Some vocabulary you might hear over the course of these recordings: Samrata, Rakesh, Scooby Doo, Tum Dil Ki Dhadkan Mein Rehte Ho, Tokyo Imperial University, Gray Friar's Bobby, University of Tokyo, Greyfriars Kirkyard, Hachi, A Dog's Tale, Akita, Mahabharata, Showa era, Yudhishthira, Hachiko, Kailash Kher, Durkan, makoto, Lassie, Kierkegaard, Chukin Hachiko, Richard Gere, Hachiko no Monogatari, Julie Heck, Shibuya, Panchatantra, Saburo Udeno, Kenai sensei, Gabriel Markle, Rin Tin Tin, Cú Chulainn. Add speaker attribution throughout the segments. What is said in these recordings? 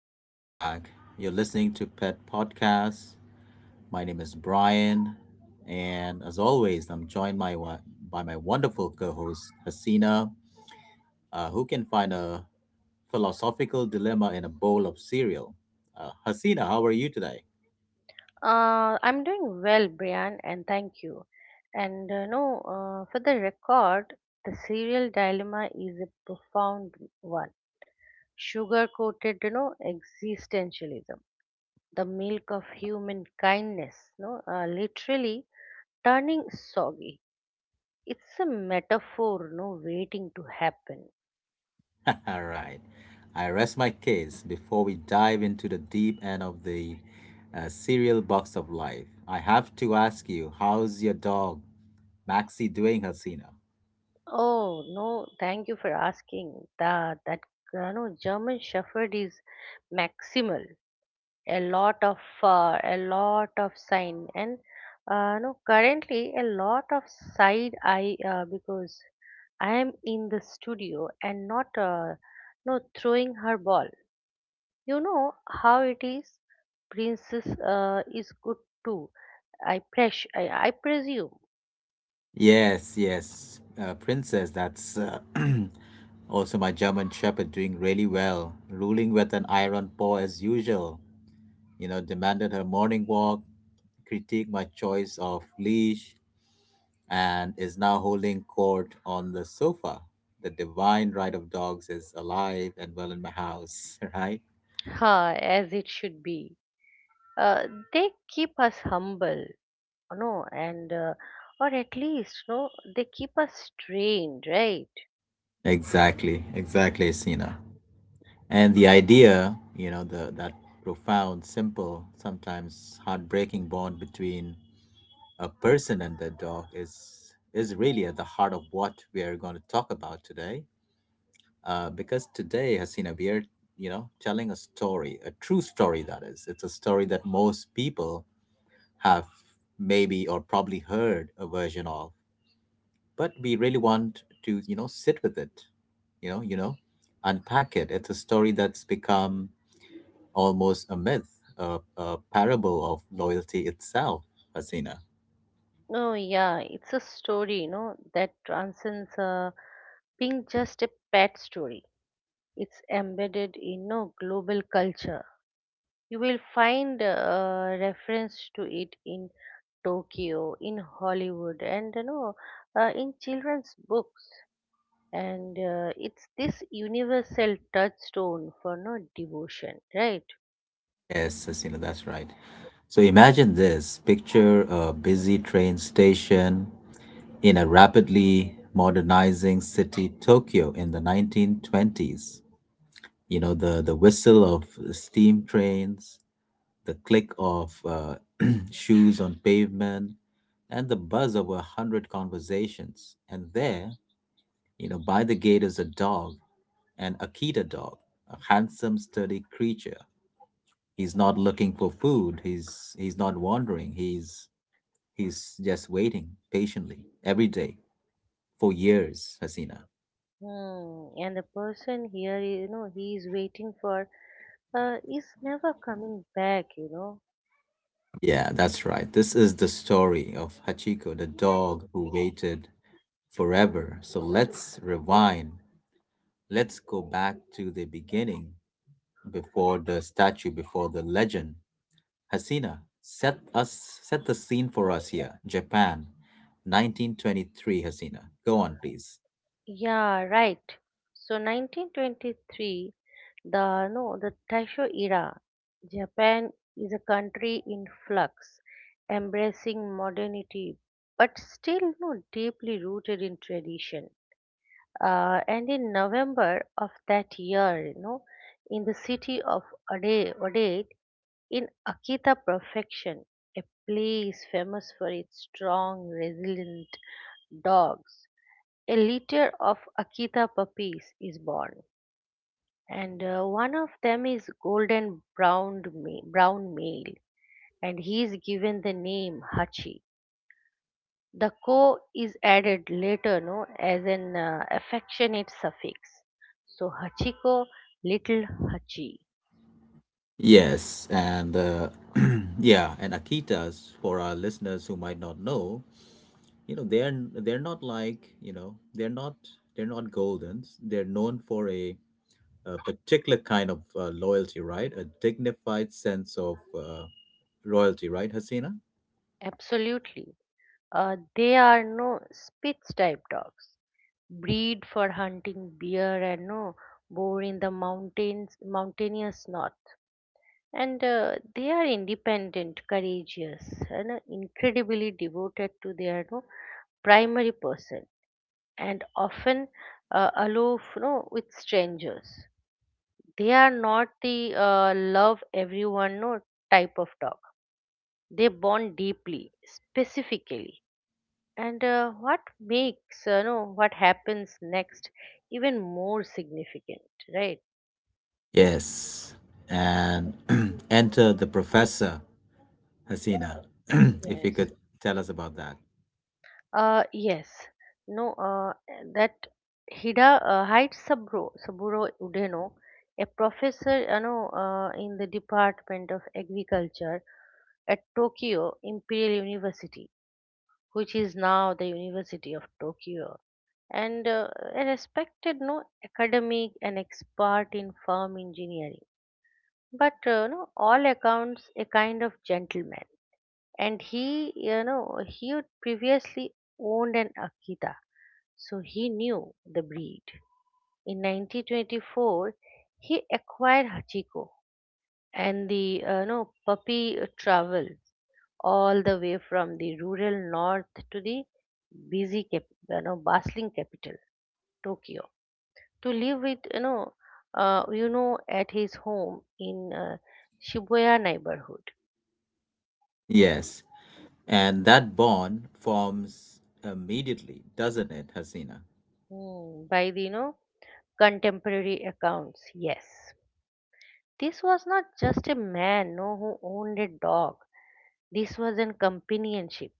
Speaker 1: welcome back. You're listening to Pet Podcast. My name is Brian, and as always, I'm joined by, by my wonderful co host, Hasina, who can find a philosophical dilemma in a bowl of cereal. Hasina, how are you today?
Speaker 2: I'm doing well, Brian, and thank you. And no, for the record, the serial dilemma is a profound one. Sugar-coated existentialism, the milk of human kindness, no, literally turning soggy. It's a metaphor, no, waiting to happen.
Speaker 1: All right. I rest my case before we dive into the deep end of the cereal box of life. I have to ask you, how's your dog, Maxie, doing, Hasina?
Speaker 2: Oh no, thank you for asking. The that no German Shepherd is maximal, a lot of a lot of sign, and no, currently a lot of side eye, because I am in the studio and not no, throwing her ball. You know how it is. Princess is good too, I presume.
Speaker 1: Yes, yes, Princess. That's also my German Shepherd doing really well, ruling with an iron paw as usual. You know, demanded her morning walk, critiqued my choice of leash, and is now holding court on the sofa. The divine right of dogs is alive and well in my house, right?
Speaker 2: As it should be. Uh, they keep us humble, no, and or at least, no, they keep us trained, right?
Speaker 1: Exactly, exactly, Sina. And the idea, you know, the that profound, simple, sometimes heartbreaking bond between a person and their dog is really at the heart of what we are going to talk about today. Because today, Hasina, we are, you know, telling a story, a true story that is. It's a story that most people have maybe or probably heard a version of, but we really want to, you know, sit with it, you know, unpack it. It's a story that's become almost a myth, a parable of loyalty itself, Hasina.
Speaker 2: Oh yeah, it's a story, that transcends being just a pet story. It's embedded in no global culture. You will find reference to it in Tokyo, in Hollywood, and in children's books. And it's this universal touchstone for no devotion, right?
Speaker 1: Yes, Hasina, that's right. So imagine this, picture a busy train station in a rapidly modernizing city, Tokyo, in the 1920s. You know, the whistle of steam trains, the click of shoes on pavement, and the buzz of a hundred conversations. And there, you know, by the gate is a dog, an Akita dog, a handsome, sturdy creature. He's not looking for food. He's not wandering. He's just waiting patiently every day for years, Hasina.
Speaker 2: Hmm. And the person here, he is waiting for, is never coming back.
Speaker 1: Yeah, that's right. This is the story of Hachiko, the dog who waited forever. So let's rewind. Let's go back to the beginning, before the statue, before the legend. Hasina, set the scene for us here. Japan, 1923. Hasina, go on, please.
Speaker 2: Yeah, right. So 1923, the no, the Taisho era, Japan is a country in flux, embracing modernity, but still no deeply rooted in tradition. And in November of that year, in the city of Odate, in Akita Perfection, a place famous for its strong, resilient dogs, a litter of Akita puppies is born, and one of them is golden brown male, and he is given the name Hachi. The ko is added later, no, as an affectionate suffix. So Hachiko, little Hachi.
Speaker 1: Yes, and yeah, and Akitas, for our listeners who might not know, you know, they're not like you know they're not goldens. They're known for a particular kind of loyalty, right? A dignified sense of royalty, right, Hasina?
Speaker 2: Absolutely, they are no Spitz type dogs, breed for hunting bear and no bore in the mountainous north. And they are independent, courageous, and incredibly devoted to their, no, primary person, and often aloof you with strangers. They are not the love everyone, no, type of dog. They bond deeply, specifically. And what makes no, what happens next even more significant, right?
Speaker 1: Yes, and enter the professor, Hasina, if you
Speaker 2: Yes.
Speaker 1: could tell us about that.
Speaker 2: Yes. No, that Hida hides Saburo, Saburo Udeno, a professor, in the Department of Agriculture at Tokyo Imperial University, which is now the University of Tokyo, and a respected, no, academic and expert in farm engineering. But, no, all accounts a kind of gentleman, and he had previously owned an Akita, so he knew the breed. In 1924, he acquired Hachiko, and the no puppy traveled all the way from the rural north to the busy, bustling capital, Tokyo, to live with at his home in Shibuya neighborhood.
Speaker 1: Yes, and that bond forms immediately, doesn't it, Hasina?
Speaker 2: Hmm. By the contemporary accounts, yes, this was not just a man, no, who owned a dog. This was an companionship.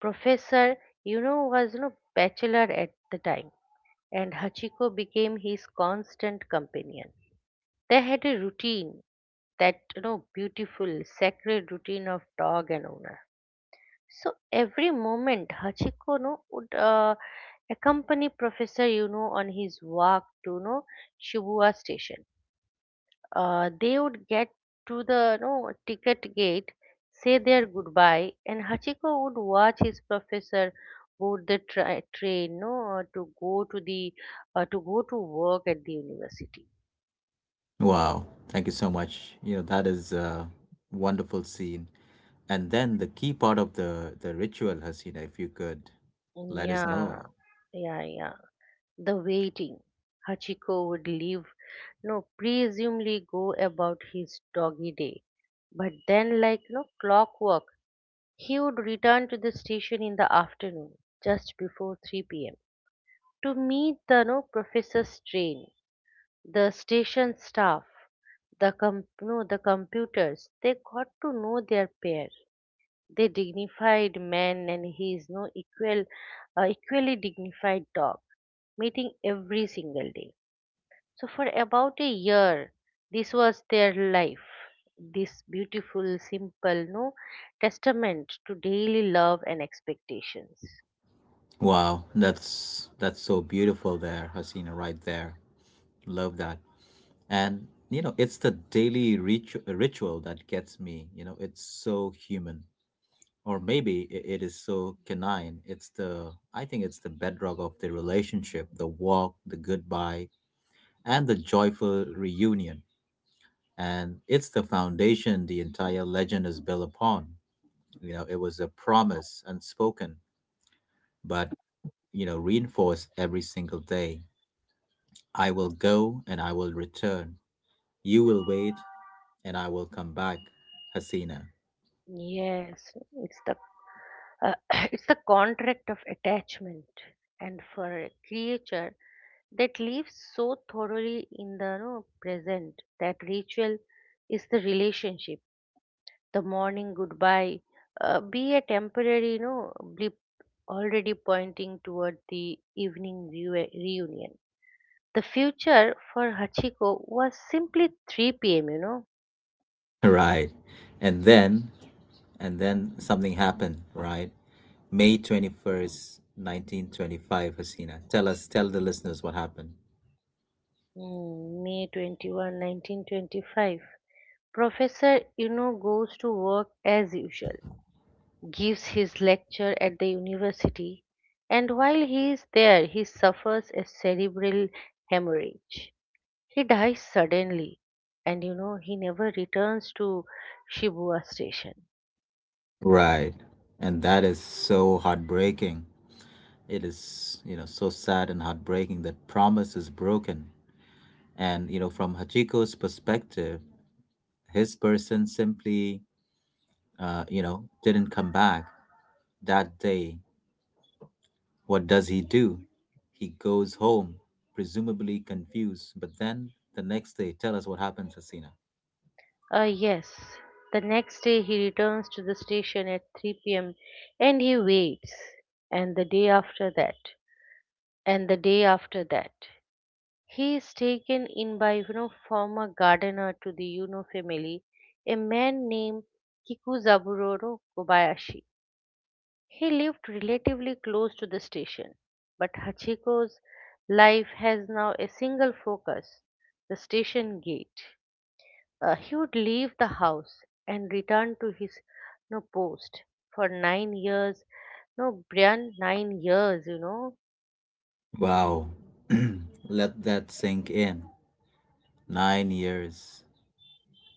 Speaker 2: Professor, was no bachelor at the time, and Hachiko became his constant companion. They had a routine, that beautiful, sacred routine of dog and owner. So every moment, Hachiko, no, would accompany Professor, on his walk to no Shibuya station. They would get to the, no, ticket gate, say their goodbye, and Hachiko would watch his professor board the train, no, to go to work at the university.
Speaker 1: Wow, thank you so much. You know, that is a wonderful scene. And then the key part of the ritual, Hasina, if you could let us know.
Speaker 2: Yeah, yeah, yeah. The waiting. Hachiko would leave, no, presumably go about his doggy day. But then, like no clockwork, he would return to the station in the afternoon, just before 3 p.m. to meet the no professor's train, the station staff, the com- no, the computers. They got to know their pair. They dignified man and his no equally dignified dog, meeting every single day. So for about a year, this was their life. This beautiful, simple, no testament to daily love and expectations.
Speaker 1: Wow, that's so beautiful there, Hasina, right there. Love that. And, you know, it's the daily ritual that gets me. You know, it's so human. Or maybe it is so canine. It's the, I think it's the bedrock of the relationship, the walk, the goodbye, and the joyful reunion. And it's the foundation the entire legend is built upon. You know, it was a promise unspoken, but, you know, reinforced every single day. I will go and I will return. You will wait, and I will come back, Hasina.
Speaker 2: Yes, it's the Uh, it's the contract of attachment, and for a creature that lives so thoroughly in the, no, present, that ritual is the relationship. The morning goodbye, be a temporary no blip, already pointing toward the evening reunion. The future for Hachiko was simply 3 p.m. You know.
Speaker 1: Right. And then, and then something happened, right? May 21st, 1925, Hasina. Tell us, tell the listeners what happened.
Speaker 2: Mm, May 21, 1925. Professor, goes to work as usual, gives his lecture at the university, and while he is there, he suffers a cerebral hemorrhage. He dies suddenly, and he never returns to Shibuya station.
Speaker 1: Right. And that is so heartbreaking. It is, you know, so sad and heartbreaking, that promise is broken. And, you know, from Hachiko's perspective, his person simply, you know, didn't come back that day. What does he do? He goes home, presumably confused. But then the next day, tell us what happens, Hasina.
Speaker 2: Ah, yes, the next day he returns to the station at 3 p.m. and he waits, and the day after that, and the day after that. He is taken in by former gardener to the Yuno family, a man named Kikuzaburoro Kobayashi. He lived relatively close to the station, but Hachiko's life has now a single focus, the station gate. He would leave the house and return to his post for 9 years. No, Brian, nine years.
Speaker 1: Wow. Let that sink in. 9 years,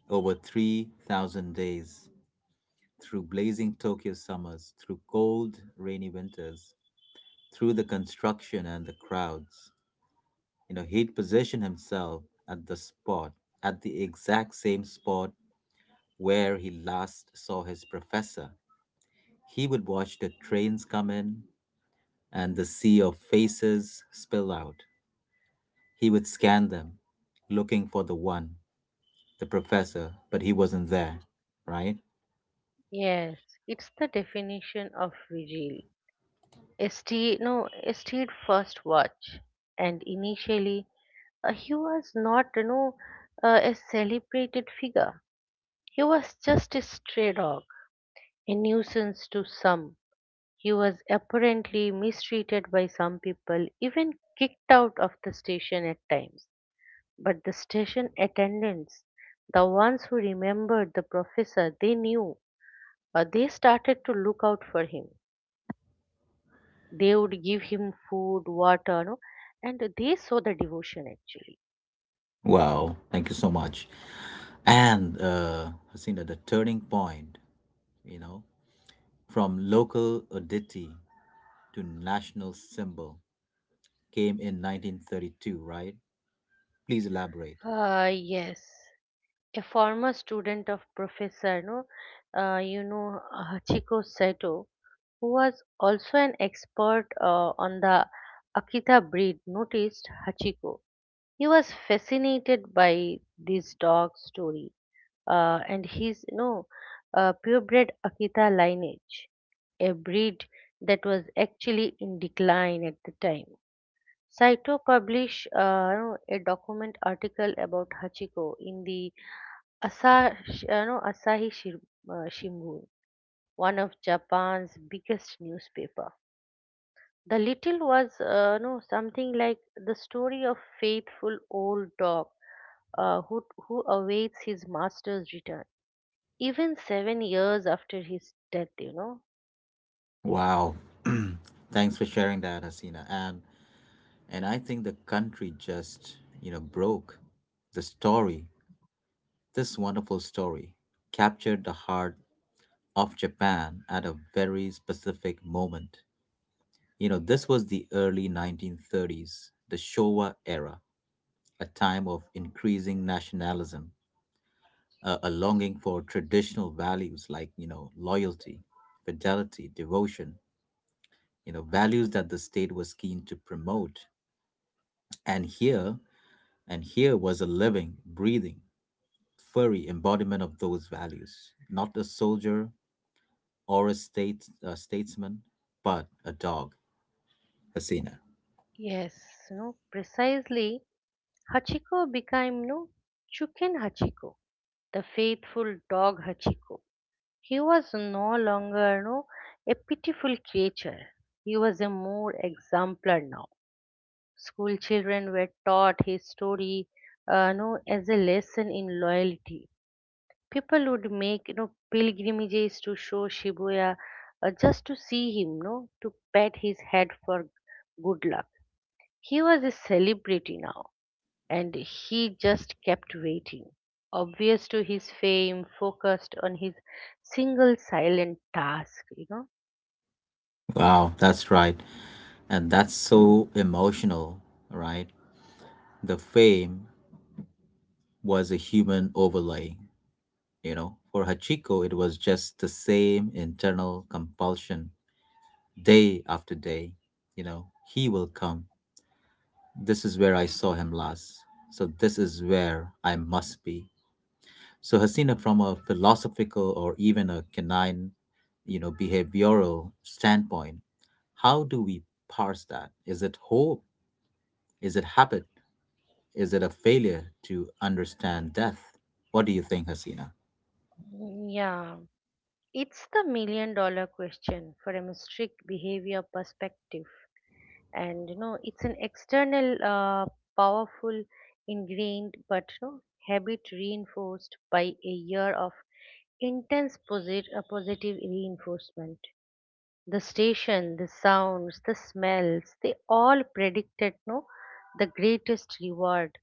Speaker 1: over 3,000 days, through blazing Tokyo summers, through cold, rainy winters, through the construction and the crowds. You know, he'd position himself at the spot, at the exact same spot where he last saw his professor. He would watch the trains come in and the sea of faces spill out. He would scan them, looking for the one, the professor, but he wasn't there, right?
Speaker 2: Yes, it's the definition of vigil. Stayed, no, stayed first watch, and initially he was not, a celebrated figure. He was just a stray dog, a nuisance to some. He was apparently mistreated by some people, even kicked out of the station at times. But the station attendants, the ones who remembered the professor, they knew. They started to look out for him. They would give him food, water, no, and they saw the devotion, actually.
Speaker 1: Wow, thank you so much. And Hasina, the turning point, you know, from local oddity to national symbol came in 1932, right? Please elaborate.
Speaker 2: Yes, a former student of professor, no, uh, you know Hachiko Saito, who was also an expert, on the Akita breed, noticed Hachiko. He was fascinated by this dog story, and his purebred Akita lineage, a breed that was actually in decline at the time. Saito published, a document article about Hachiko in the Asahi Shimbun, one of Japan's biggest newspaper. The little was you something like the story of faithful old dog, who awaits his master's return even 7 years after his death.
Speaker 1: Wow. Thanks for sharing that, Hasina. And I think the country just, you know, broke. The story, this wonderful story, captured the heart of Japan at a very specific moment. You know, this was the early 1930s, the Showa era, a time of increasing nationalism, a longing for traditional values like, you know, loyalty, fidelity, devotion, you know, values that the state was keen to promote. and here and here was a living, breathing, furry embodiment of those values, not a soldier or a statesman, but a dog, Hasina.
Speaker 2: Yes, precisely, Hachiko became, no. know, Chukin Hachiko, the faithful dog Hachiko. He was no longer, no, a pitiful creature. He was a more exemplar now. School children were taught his story, you as a lesson in loyalty. People would make pilgrimages to show Shibuya, just to see him, no, to pat his head for good luck. He was a celebrity now, and he just kept waiting. Obvious to his fame, focused on his single silent task.
Speaker 1: Wow, that's right. And that's so emotional, right? The fame was a human overlay. You know, for Hachiko, it was just the same internal compulsion day after day. You know, he will come. This is where I saw him last. So this is where I must be. So Hasina, from a philosophical or even a canine, you know, behavioral standpoint, how do we parse that? Is it hope? Is it habit? Is it a failure to understand death? What do you think, Hasina?
Speaker 2: Mm. Yeah, it's the million dollar question from a strict behavior perspective. And it's an external, powerful, ingrained, but habit reinforced by a year of intense positive reinforcement. The station, the sounds, the smells, they all predicted, no, the greatest reward,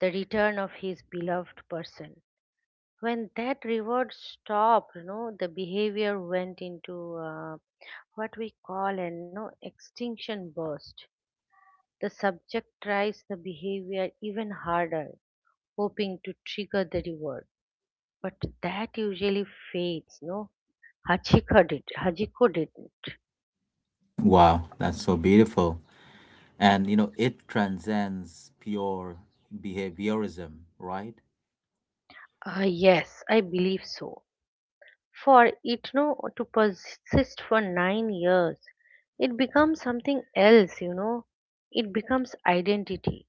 Speaker 2: the return of his beloved person. When that reward stopped, you know the behavior went into what we call an no extinction burst. The subject tries the behavior even harder, hoping to trigger the reward. But that usually fades, no? Hachiko did. Hachiko didn't.
Speaker 1: Wow, that's so beautiful. And you know, it transcends pure behaviorism, right?
Speaker 2: Ah, yes, I believe so. For it no to persist for 9 years, it becomes something else. It becomes identity.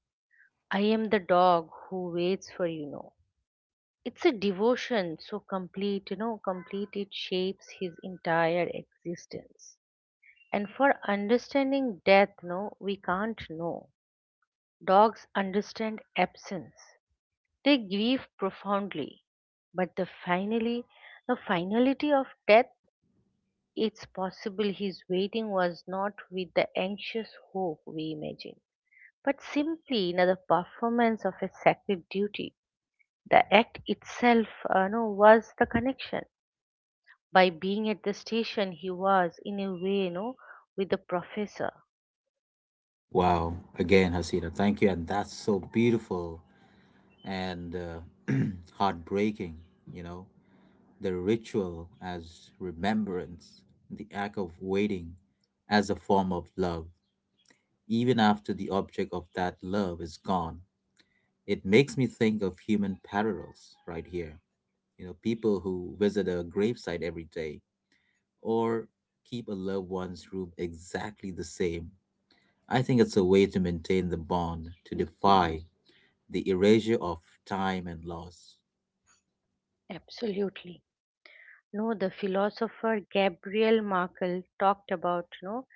Speaker 2: I am the dog who waits for. It's a devotion so complete, complete it shapes his entire existence. And for understanding death, no, we can't know. Dogs understand absence. They grieve profoundly. But the finality of death, it's possible his waiting was not with the anxious hope we imagine, but simply the performance of a sacred duty. The act itself, no, was the connection. By being at the station, he was, in a way, no, with the professor.
Speaker 1: Wow, again, Hasina, thank you, and that's so beautiful and heartbreaking. You know, the ritual as remembrance, the act of waiting as a form of love, even after the object of that love is gone. It makes me think of human parallels right here, you know, people who visit a gravesite every day or keep a loved one's room exactly the same. I think it's a way to maintain the bond, to defy the erasure of time and loss.
Speaker 2: Absolutely. No, the philosopher Gabriel Markle talked about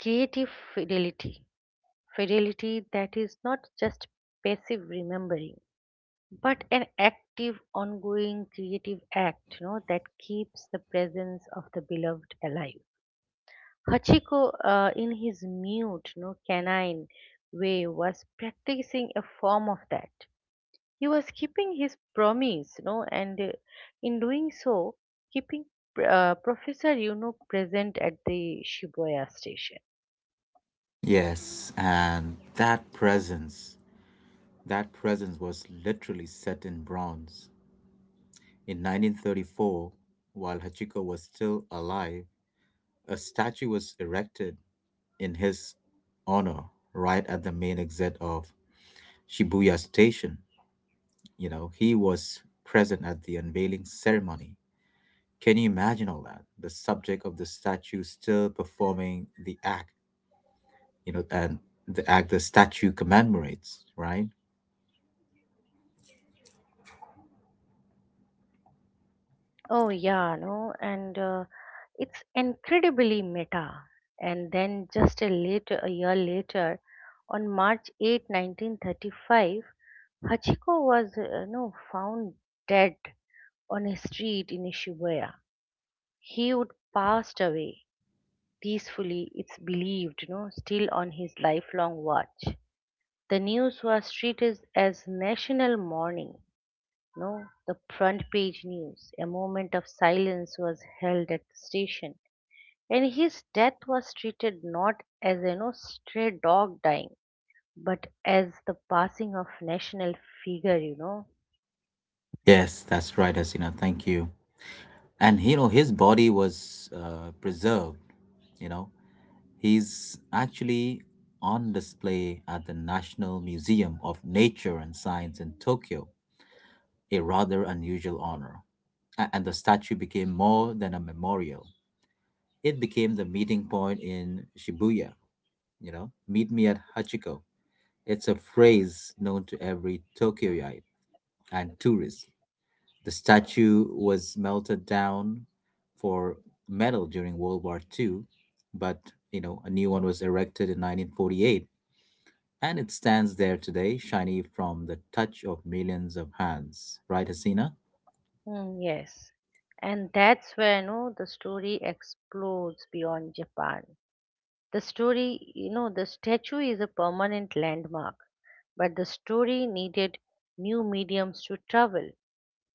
Speaker 2: creative fidelity, fidelity that is not just passive remembering, but an active, ongoing creative act, that keeps the presence of the beloved alive. Hachiko, in his mute, canine way, was practicing a form of that. He was keeping his promise, and in doing so, keeping professor, present at the Shibuya station.
Speaker 1: Yes, and that presence was literally set in bronze. In 1934, while Hachiko was still alive, a statue was erected in his honor right at the main exit of Shibuya Station. You know, he was present at the unveiling ceremony. Can you imagine all that? The subject of the statue still performing the act, you know, and the act the statue commemorates, right?
Speaker 2: Oh yeah, no, and it's incredibly meta. And then, just a year later, on March 8, 1935, Hachiko was, no, found dead on a street in Shibuya. He would passed away peacefully, it's believed, still on his lifelong watch. The news was treated as national mourning, no, the front page news, a moment of silence was held at the station. And his death was treated not as a stray dog dying, but as the passing of national figure.
Speaker 1: Yes, that's right, Hasina. Thank you. And you know, his body was preserved. You know, he's actually on display at the National Museum of Nature and Science in Tokyo, a rather unusual honor. And the statue became more than a memorial; it became the meeting point in Shibuya, you know, meet me at Hachiko. It's a phrase known to every Tokyoite and tourist. The statue was melted down for metal during World War Two, but, you know, a new one was erected in 1948 and it stands there today, shiny from the touch of millions of hands. Right, Hasina?
Speaker 2: Hmm, yes, and that's where the story explodes beyond Japan. The story, the statue is a permanent landmark, but the story needed new mediums to travel.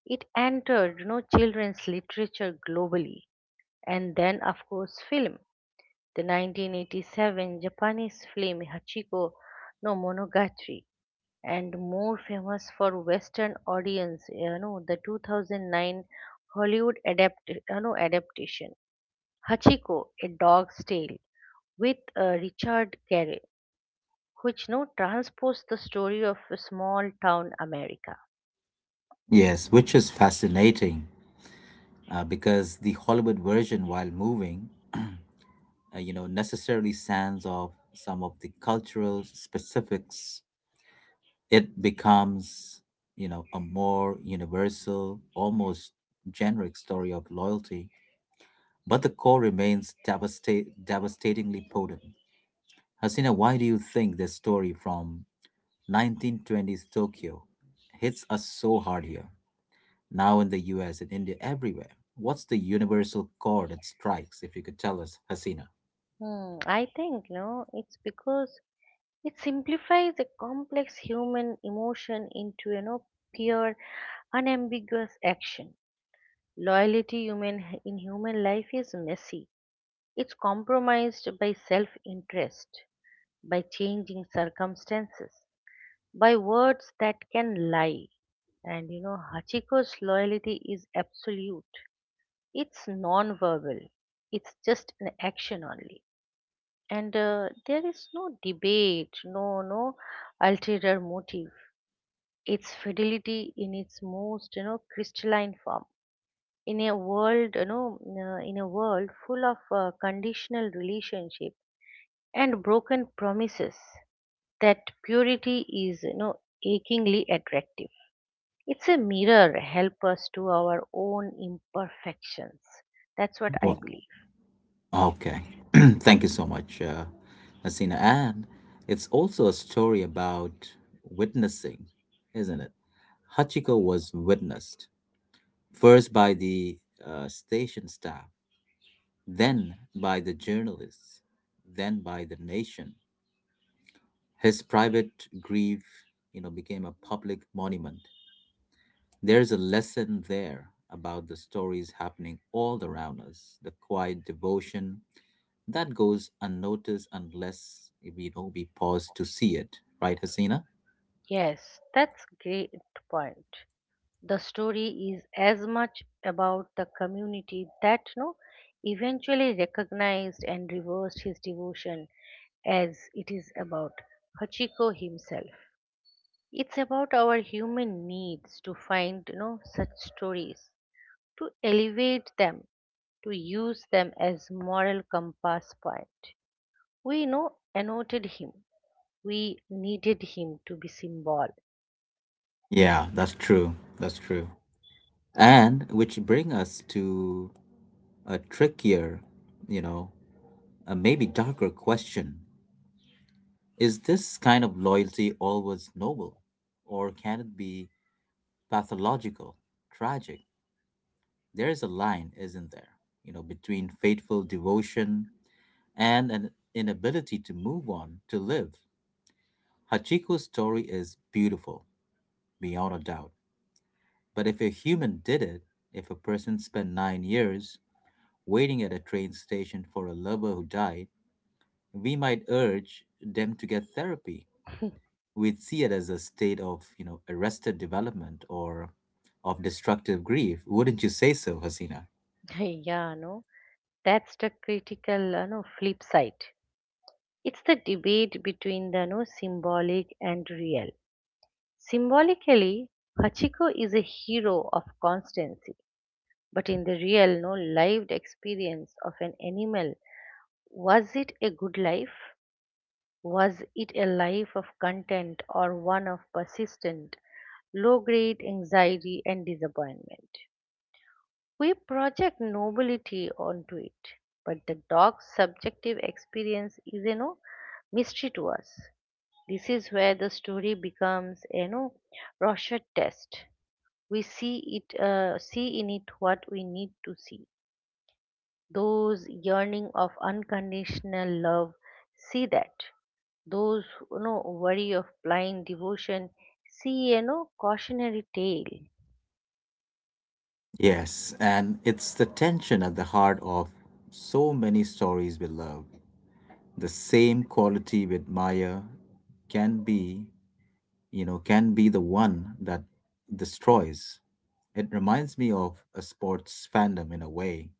Speaker 2: It entered, children's literature globally, and then, of course, film. The 1987 Japanese film Hachiko no Monogatari, and more famous for Western audience, the 2009 Hollywood adaptation Hachiko, A Dog's Tale with Richard Gere, which no transports the story of a small town America.
Speaker 1: Yes, which is fascinating because the Hollywood version, while moving, you know, necessarily sands off some of the cultural specifics. It becomes, you know, a more universal, almost generic story of loyalty, but the core remains devastatingly potent. Hasina, why do you think this story from 1920s Tokyo hits us so hard here, now in the US and India, everywhere? What's the universal core that strikes, if you could tell us, Hasina?
Speaker 2: I think no, it's because it simplifies a complex human emotion into pure, unambiguous action. Loyalty human in human life is messy. It's compromised by self-interest, by changing circumstances, by words that can lie. And Hachiko's loyalty is absolute. It's non-verbal, it's just an action only, and there is no debate, no no ulterior motive. It's fidelity in its most crystalline form, in a world in a world full of conditional relationship and broken promises. That purity is achingly attractive. It's a mirror help us to our own imperfections. That's what I
Speaker 1: Well,
Speaker 2: believe.
Speaker 1: okay. Thank you so much, Hasina. And it's also a story about witnessing, isn't it? Hachiko was witnessed first by the station staff, then by the journalists, then by the nation. His private grief, you know, became a public monument. There's a lesson there about the stories happening all around us, the quiet devotion that goes unnoticed unless we, know, we pause to see it, right, Hasina?
Speaker 2: Yes, that's great point. The story is as much about the community that no eventually recognized and reversed his devotion as it is about Hachiko himself. It's about our human needs to find such stories, to elevate them, to use them as moral compass point. We know annotated him. We needed him to be symbol.
Speaker 1: Yeah, that's true. That's true. And which bring us to a trickier, you know, a maybe darker question. Is this kind of loyalty always noble, or can it be pathological, tragic? There is a line, isn't there? You know, between faithful devotion and an inability to move on, to live. Hachiko's story is beautiful, beyond a doubt. But if a human did it, if a person spent 9 years waiting at a train station for a lover who died, we might urge them to get therapy. We'd see it as a state of, you know, arrested development or of destructive grief. Wouldn't you say so, Hasina?
Speaker 2: Yeah, no. That's the critical no, flip side. It's the debate between the no, symbolic and real. Symbolically, Hachiko is a hero of constancy, but in the real, no lived experience of an animal, was it a good life? Was it a life of content or one of persistent, low grade anxiety and disappointment? We project nobility onto it, but the dog's subjective experience is mystery to us. This is where the story becomes Rorschach test. We see it, see in it what we need to see. Those yearning of unconditional love, see that. Those worry of blind devotion, see cautionary tale.
Speaker 1: Yes, and it's the tension at the heart of so many stories we love. The same quality with Maya can be, you know, can be the one that destroys. It reminds me of a sports fandom in a way.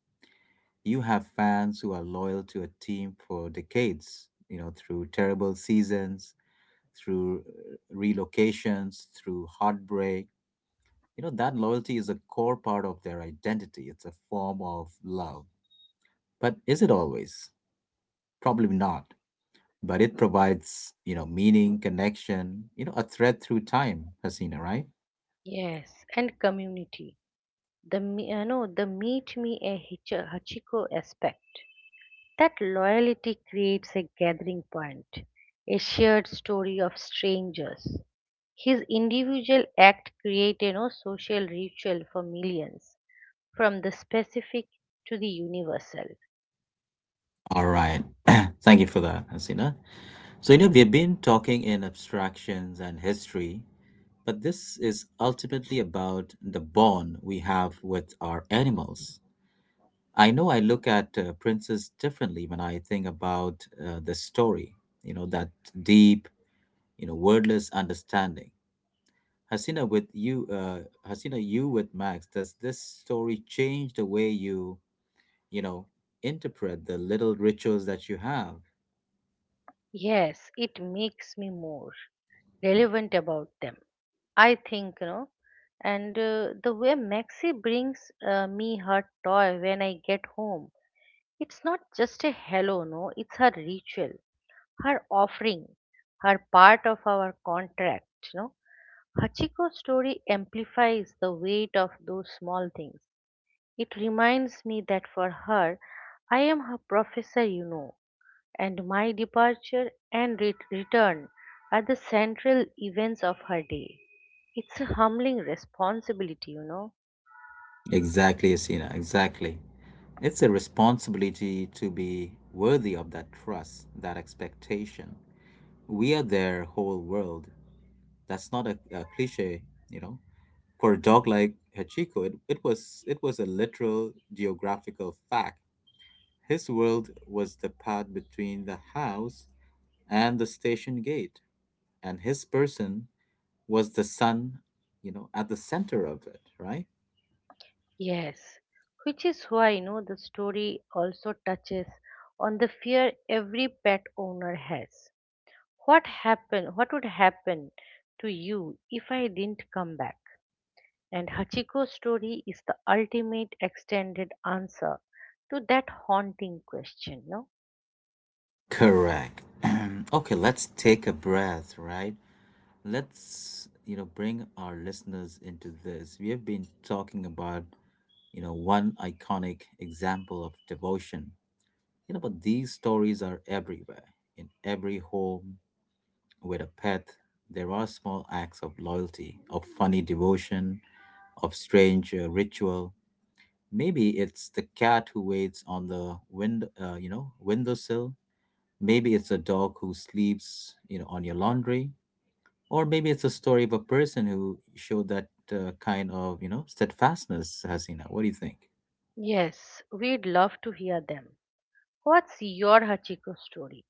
Speaker 1: You have fans who are loyal to a team for decades, you know, through terrible seasons, through relocations, through heartbreak, you know, that loyalty is a core part of their identity. It's a form of love. But is it always? Probably not. But it provides, meaning, connection, a thread through time, Hasina, right?
Speaker 2: Yes, and community. The me- no the meet me a hachiko aspect. That loyalty creates a gathering point, a shared story of strangers. His individual act create social ritual for millions, from the specific to the universal.
Speaker 1: All right. Thank you for that, Hasina. So, we've been talking in abstractions and history, but this is ultimately about the bond we have with our animals. I know I look at princes differently when I think about the story, that deep, wordless understanding. Hasina, with you, Hasina, you with Max, does this story change the way you, you know, interpret the little rituals that you have?
Speaker 2: Yes, it makes me more relevant about them, I think, and the way maxi brings me her toy when I get home. It's not just a hello, no, it's her ritual, her offering, her part of our contract, no. Hachiko's story amplifies the weight of those small things. It reminds me that for her, I am her professor, and my departure and return are the central events of her day. It's a humbling responsibility,
Speaker 1: Exactly, Hasina, exactly. It's a responsibility to be worthy of that trust, that expectation. We are their whole world. That's not a cliche, you know. For a dog like Hachiko, it was a literal geographical fact. His world was the path between the house and the station gate, and his person was the sun, at the center of it, right?
Speaker 2: Yes, which is why the story also touches on the fear every pet owner has. What happen? What would happen to you if I didn't come back? And Hachiko's story is the ultimate extended answer to that haunting question. No?
Speaker 1: Correct. Okay, let's take a breath, right? Let's, bring our listeners into this. We have been talking about, one iconic example of devotion. But these stories are everywhere in every home. With a pet, there are small acts of loyalty, of funny devotion, of strange ritual. Maybe it's the cat who waits on the windowsill. Maybe it's a dog who sleeps, on your laundry. Or maybe it's a story of a person who showed that kind of, steadfastness, Hasina. What do you think?
Speaker 2: Yes, we'd love to hear them. What's your Hachiko story?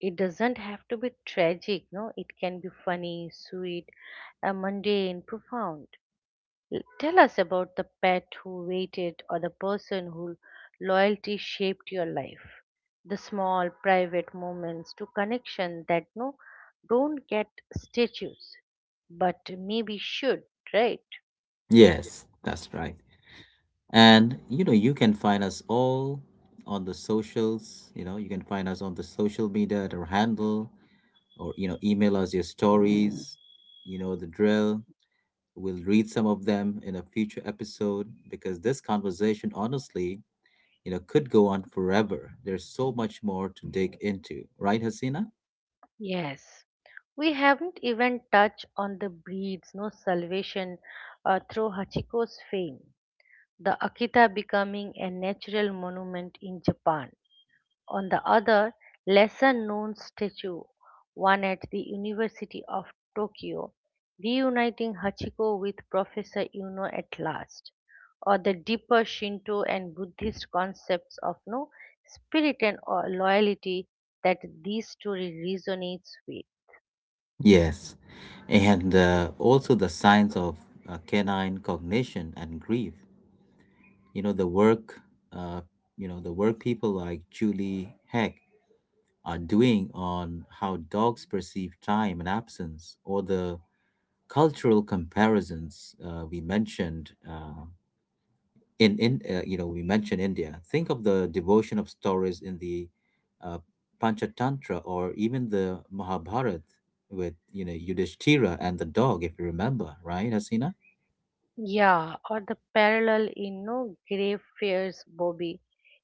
Speaker 2: It doesn't have to be tragic, no. It can be funny, sweet, mundane, profound. Tell us about the pet who waited or the person who loyalty shaped your life. The small private moments to connection that no don't get statues, but maybe should, right?
Speaker 1: Yes, that's right. And you know, you can find us all on the socials. You know, you can find us on the social media at our handle or you know email us your stories you know the drill. We'll read some of them in a future episode because this conversation honestly could go on forever. There's so much more to dig into, right, Hasina?
Speaker 2: Yes. We haven't even touched on the breeds, no salvation through Hachiko's fame, the Akita becoming a natural monument in Japan, on the other, lesser known statue, one at the University of Tokyo, reuniting Hachiko with Professor Yuno at last, or the deeper Shinto and Buddhist concepts of no spirit and loyalty that this story resonates with.
Speaker 1: Yes, and also the signs of canine cognition and grief, you know the work uh, the work people like Julie Heck are doing on how dogs perceive time and absence, or the cultural comparisons we mentioned in you know we mentioned India. Think of the devotion of stories in the uh, Panchatantra or even the Mahabharata with you know Yudhishthira and the dog, if you remember, right, Hasina?
Speaker 2: Yeah, or the parallel in no grave fears Bobby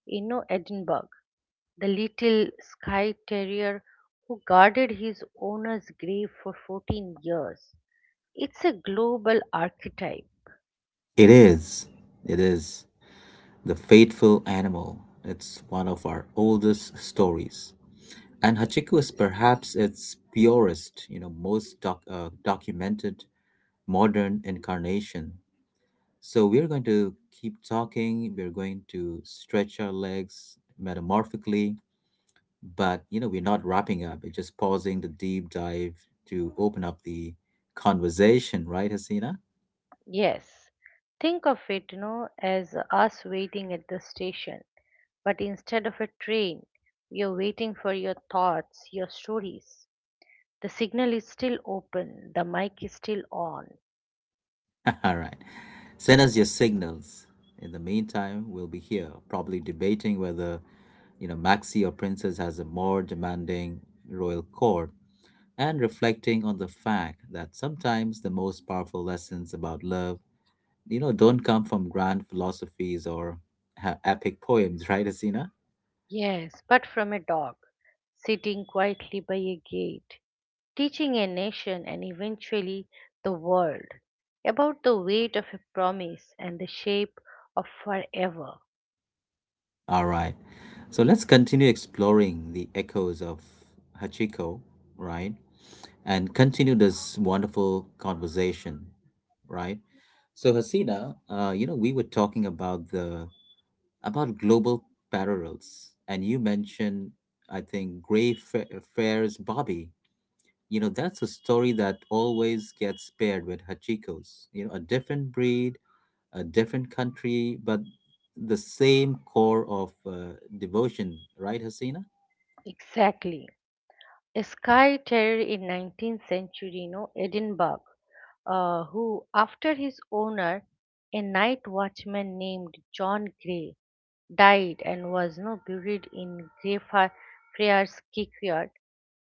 Speaker 2: in no Edinburgh, the little Skye terrier who guarded his owner's grave for 14 years. It's a global archetype.
Speaker 1: It is. It is the faithful animal. It's one of our oldest stories. And Hachiko is perhaps its purest, most documented modern incarnation. So we're going to keep talking. We're going to stretch our legs metamorphically, but you know, we're not wrapping up. We're just pausing the deep dive to open up the conversation, right, Hasina?
Speaker 2: Yes. Think of it, as us waiting at the station, but instead of a train, you're waiting for your thoughts, your stories. The signal is still open, the mic is still on.
Speaker 1: All right. Send us your signals. In the meantime, we'll be here, probably debating whether, Maxi or Princess has a more demanding royal court, and reflecting on the fact that sometimes the most powerful lessons about love don't come from grand philosophies or epic poems, right, Asina?
Speaker 2: Yes, but from a dog sitting quietly by a gate teaching a nation and eventually the world about the weight of a promise and the shape of forever.
Speaker 1: All right. So let's continue exploring the echoes of Hachiko, right? And continue this wonderful conversation, right? So Hasina, we were talking about the about global parallels, and you mentioned, I think, Fair's Bobby. You know, that's a story that always gets paired with Hachiko's. You know, a different breed, a different country, but the same core of devotion, right, Hasina?
Speaker 2: Exactly. A sky terror in 19th century, Edinburgh, who, after his owner, a night watchman named John Gray, died and was no buried in Greyfriars Kirkyard.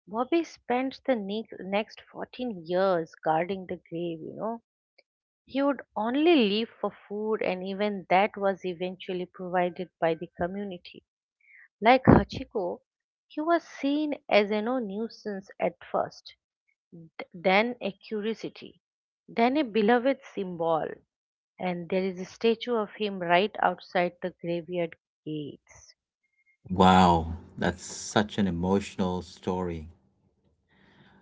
Speaker 2: Bobby spent next 14 years guarding the grave, he would only leave for food, and even that was eventually provided by the community. Like Hachiko, he was seen as a no nuisance at first, then a curiosity, then a beloved symbol, and there is a statue of him right outside the graveyard gates.
Speaker 1: Wow, that's such an emotional story.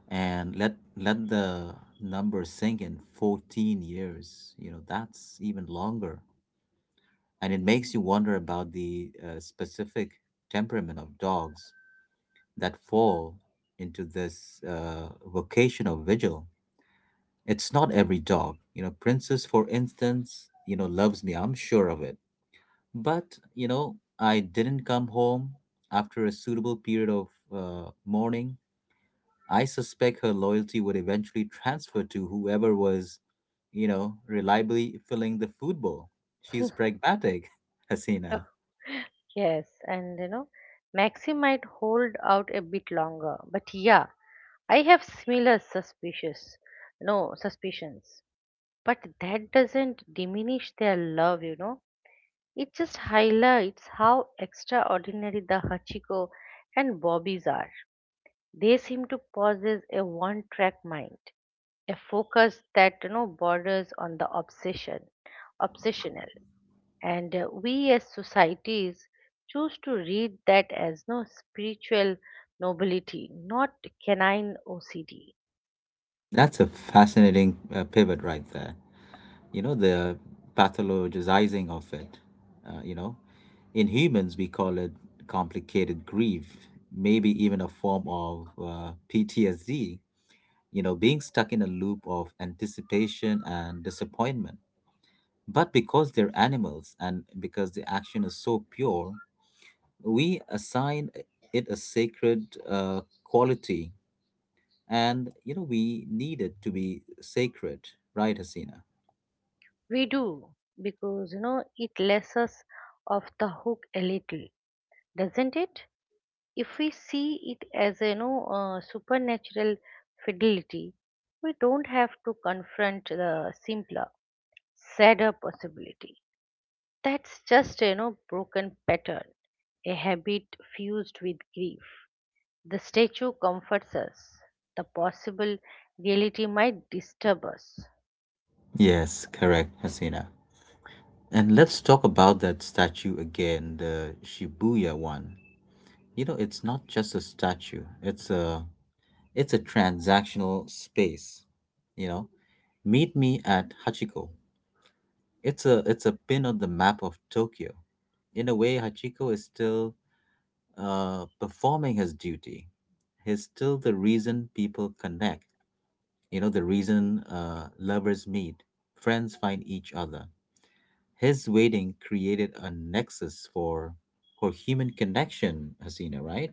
Speaker 1: And let the number sink in: 14 years. You know, that's even longer. And it makes you wonder about the specific temperament of dogs that fall into this vocational vigil. It's not every dog. You know, Princess, for instance, you know, loves me. I'm sure of it. But, you know, I didn't come home after a suitable period of mourning. I suspect her loyalty would eventually transfer to whoever was, reliably filling the food bowl. She's pragmatic,
Speaker 2: Oh,
Speaker 1: Hasina.
Speaker 2: yes, and Maxi might hold out a bit longer, but yeah, I have similar suspicious, no suspicions. But that doesn't diminish their love, It just highlights how extraordinary the Hachiko and Bobbies are. They seem to possess a one track mind, a focus that borders on obsessional. And we as societies choose to read that as no spiritual nobility, not canine OCD.
Speaker 1: That's a fascinating pivot right there. You know, the pathologizing of it, uh, you know in humans we call it complicated grief, maybe even a form of PTSD, you know, being stuck in a loop of anticipation and disappointment. But because they're animals and because the action is so pure, we assign it a sacred quality. And you know, we need it to be sacred, right, Hasina?
Speaker 2: We do, because it lets us off the hook a little, doesn't it? If we see it as a supernatural fidelity, we don't have to confront the simpler, sadder possibility. That's just a broken pattern, a habit fused with grief. The statue comforts us. The possible reality might disturb us.
Speaker 1: Yes, correct, Hasina. And let's talk about that statue again, the Shibuya one. You know, it's not just a statue. It's a transactional space, you know. Meet me at Hachiko. It's a pin on the map of Tokyo. In a way, Hachiko is still performing his duty. He's still the reason people connect. You know, the reason lovers meet, friends find each other. His waiting created a nexus for human connection, Hasina, right?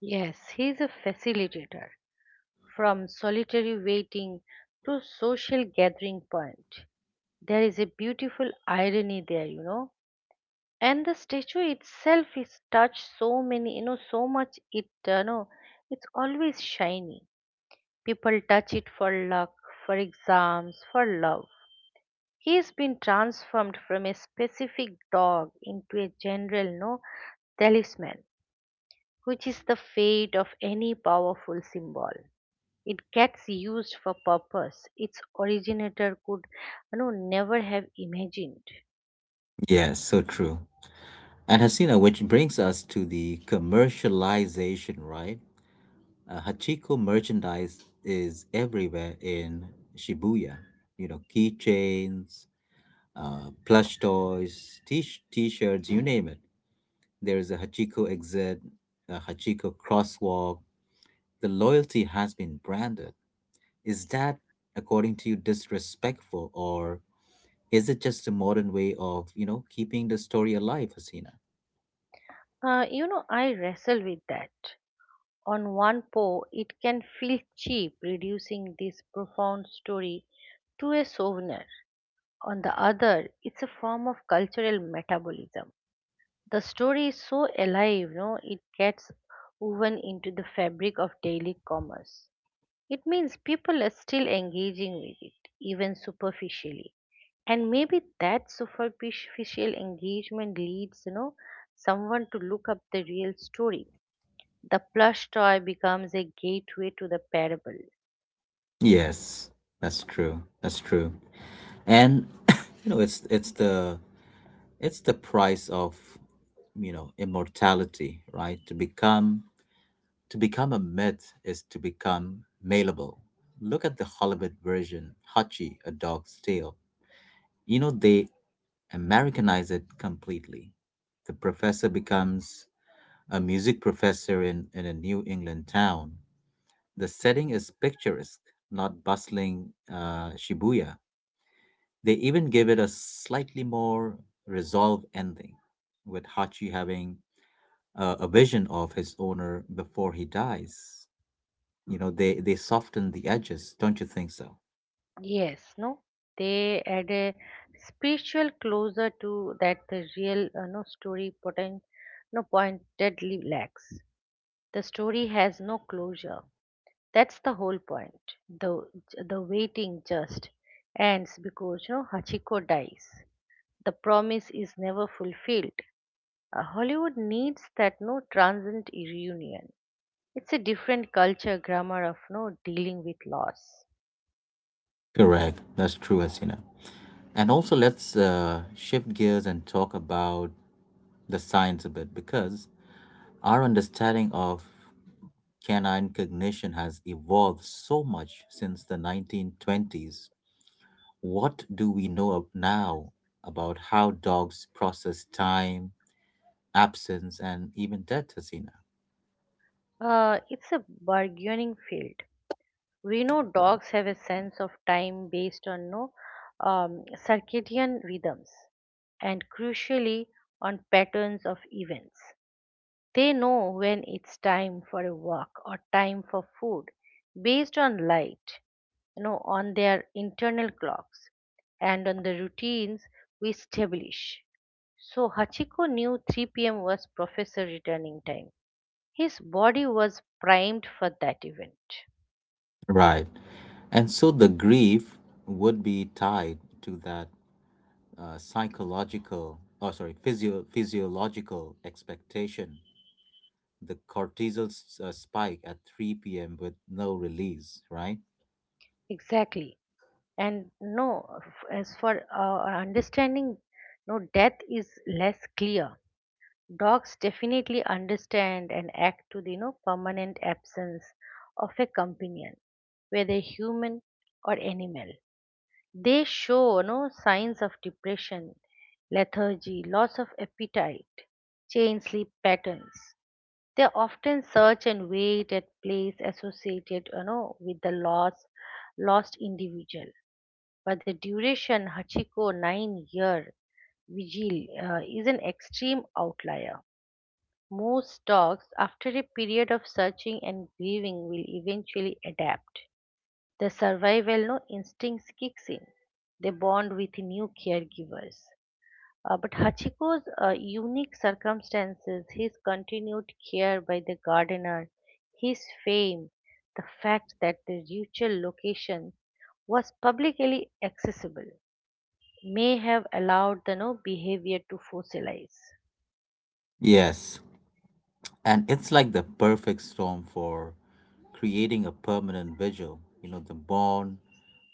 Speaker 2: Yes, he's a facilitator. From solitary waiting to social gathering point. There is a beautiful irony there, And the statue itself is touched so many, so much it, it's always shiny. People touch it for luck, for exams, for love. He's been transformed from a specific dog into a general, no, talisman, which is the fate of any powerful symbol. It gets used for purpose its originator could never have imagined.
Speaker 1: Yes, so true. And Hasina, which brings us to the commercialization, right? Hachiko merchandise is everywhere in Shibuya. You know, keychains, plush toys, t-shirts, you name it. There is a Hachiko exit, a Hachiko crosswalk. The loyalty has been branded. Is that, according to you, disrespectful, or is it just a modern way of, keeping the story alive, Hasina?
Speaker 2: I wrestle with that. On one paw it can feel cheap, reducing this profound story to a souvenir. On the other, it's a form of cultural metabolism. The story is so alive no it gets woven into the fabric of daily commerce. It means people are still engaging with it, even superficially. And maybe that superficial engagement leads, someone to look up the real story. The plush toy becomes a gateway to the parable.
Speaker 1: Yes, that's true. That's true. And you know, it's it's the price of, immortality, right? To become a myth is to become malleable. Look at the Hollywood version, Hachi, A Dog's Tale. You know, they Americanize it completely. The professor becomes a music professor in, a New England town. The setting is picturesque, not bustling Shibuya. They even give it a slightly more resolved ending, with Hachi having a vision of his owner before he dies. You know, they soften the edges, don't you think so?
Speaker 2: Yes, no? They add a spiritual closer to that the real no story potent no pointedly lacks. The story has no closure. That's the whole point. The the waiting just ends because Hachiko dies. The promise is never fulfilled. Hollywood needs that no transient reunion. It's a different culture grammar of no dealing with loss.
Speaker 1: Correct, that's true, Hasina. And also let's shift gears and talk about the science a bit, because our understanding of canine cognition has evolved so much since the 1920s. What do we know of now about how dogs process time, absence, and even death, Hasina?
Speaker 2: It's a bargaining field. We know dogs have a sense of time based on no circadian rhythms and crucially on patterns of events. They know when it's time for a walk or time for food based on light, on their internal clocks and on the routines we establish. So Hachiko knew 3 p.m. was professor returning time. His body was primed for that event.
Speaker 1: Right. And so the grief would be tied to that psychological, oh sorry, physio- physiological expectation. The cortisol spike at 3 p.m. with no release, right?
Speaker 2: Exactly. And no, as for understanding, no, death is less clear. Dogs definitely understand and act to the permanent absence of a companion, whether human or animal. They show no signs of depression, lethargy, loss of appetite, change sleep patterns. They often search and wait at place associated with lost individual. But the duration Hachiko 9 year vigil is an extreme outlier. Most dogs, after a period of searching and grieving, will eventually adapt. The survival no instincts kicks in. They bond with new caregivers. But Hachiko's unique circumstances, his continued care by the gardener, his fame, the fact that the ritual location was publicly accessible, may have allowed the no behavior to fossilize.
Speaker 1: Yes. And it's like the perfect storm for creating a permanent vigil. You know, the bond,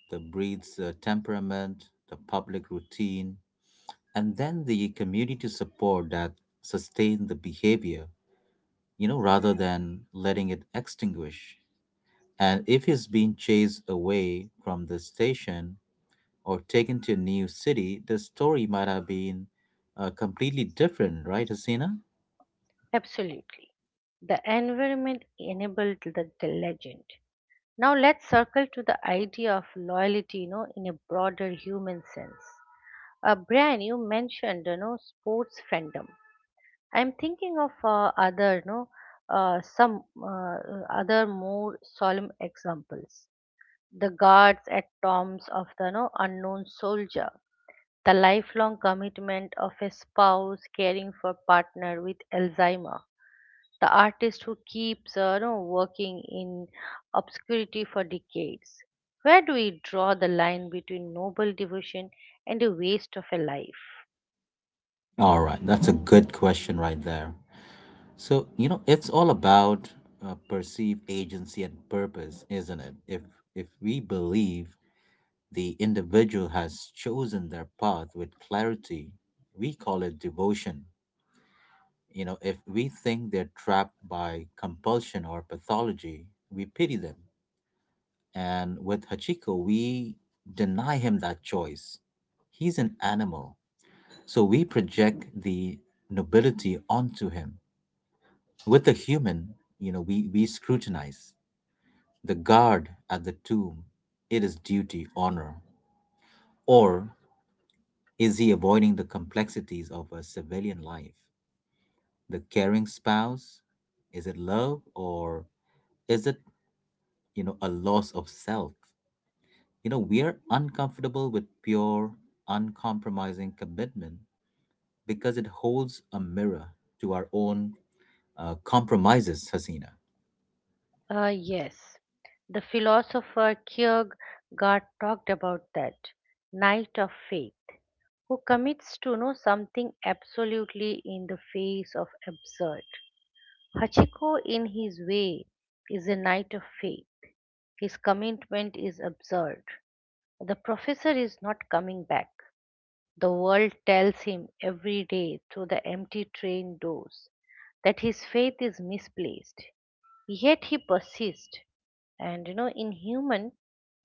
Speaker 1: the breed's temperament, the public routine, and then the community support that sustain the behavior, rather than letting it extinguish. And if he's being chased away from the station or taken to a new city, the story might have been completely different, right, Hasina?
Speaker 2: Absolutely. The environment enabled the legend. Now let's circle to the idea of loyalty, in a broader human sense. Brian, you mentioned, sports fandom. I'm thinking of other, you know, some other more solemn examples. The guards at tombs of the unknown soldier, the lifelong commitment of a spouse caring for partner with Alzheimer. The artist who keeps working in obscurity for decades. Where do we draw the line between noble devotion and a waste of a life?
Speaker 1: All right, that's a good question right there. So, it's all about perceived agency and purpose, isn't it? If we believe the individual has chosen their path with clarity, we call it devotion. You know, if we think they're trapped by compulsion or pathology, we pity them. And with Hachiko, we deny him that choice. He's an animal. So we project the nobility onto him. With the human, we scrutinize the guard at the tomb. It is duty, honor. Or is he avoiding the complexities of a civilian life? The caring spouse? Is it love or is it, a loss of self? You know, we are uncomfortable with pure, uncompromising commitment because it holds a mirror to our own compromises, Hasina.
Speaker 2: Yes, the philosopher Kierkegaard talked about that knight of faith who commits to know something absolutely in the face of absurd. Hachiko, in his way, is a knight of faith. His commitment is absurd. The professor is not coming back. The world tells him every day through the empty train doors that his faith is misplaced. Yet he persists. And in human,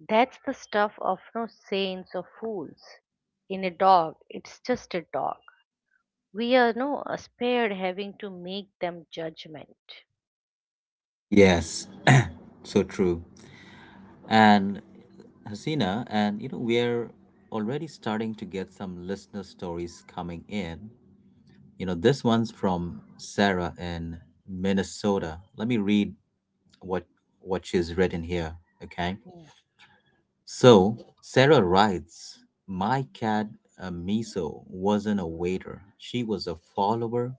Speaker 2: that's the stuff of no saints or fools. In a dog, it's just a dog. We are no spared having to make them judgment.
Speaker 1: Yes, so true. And Hasina, and you know, we're already starting to get some listener stories coming in. You know, this one's from Sarah in Minnesota. Let me read what what she's written here, okay?
Speaker 2: Mm.
Speaker 1: So Sarah writes, my cat Miso wasn't a waiter. She was a follower.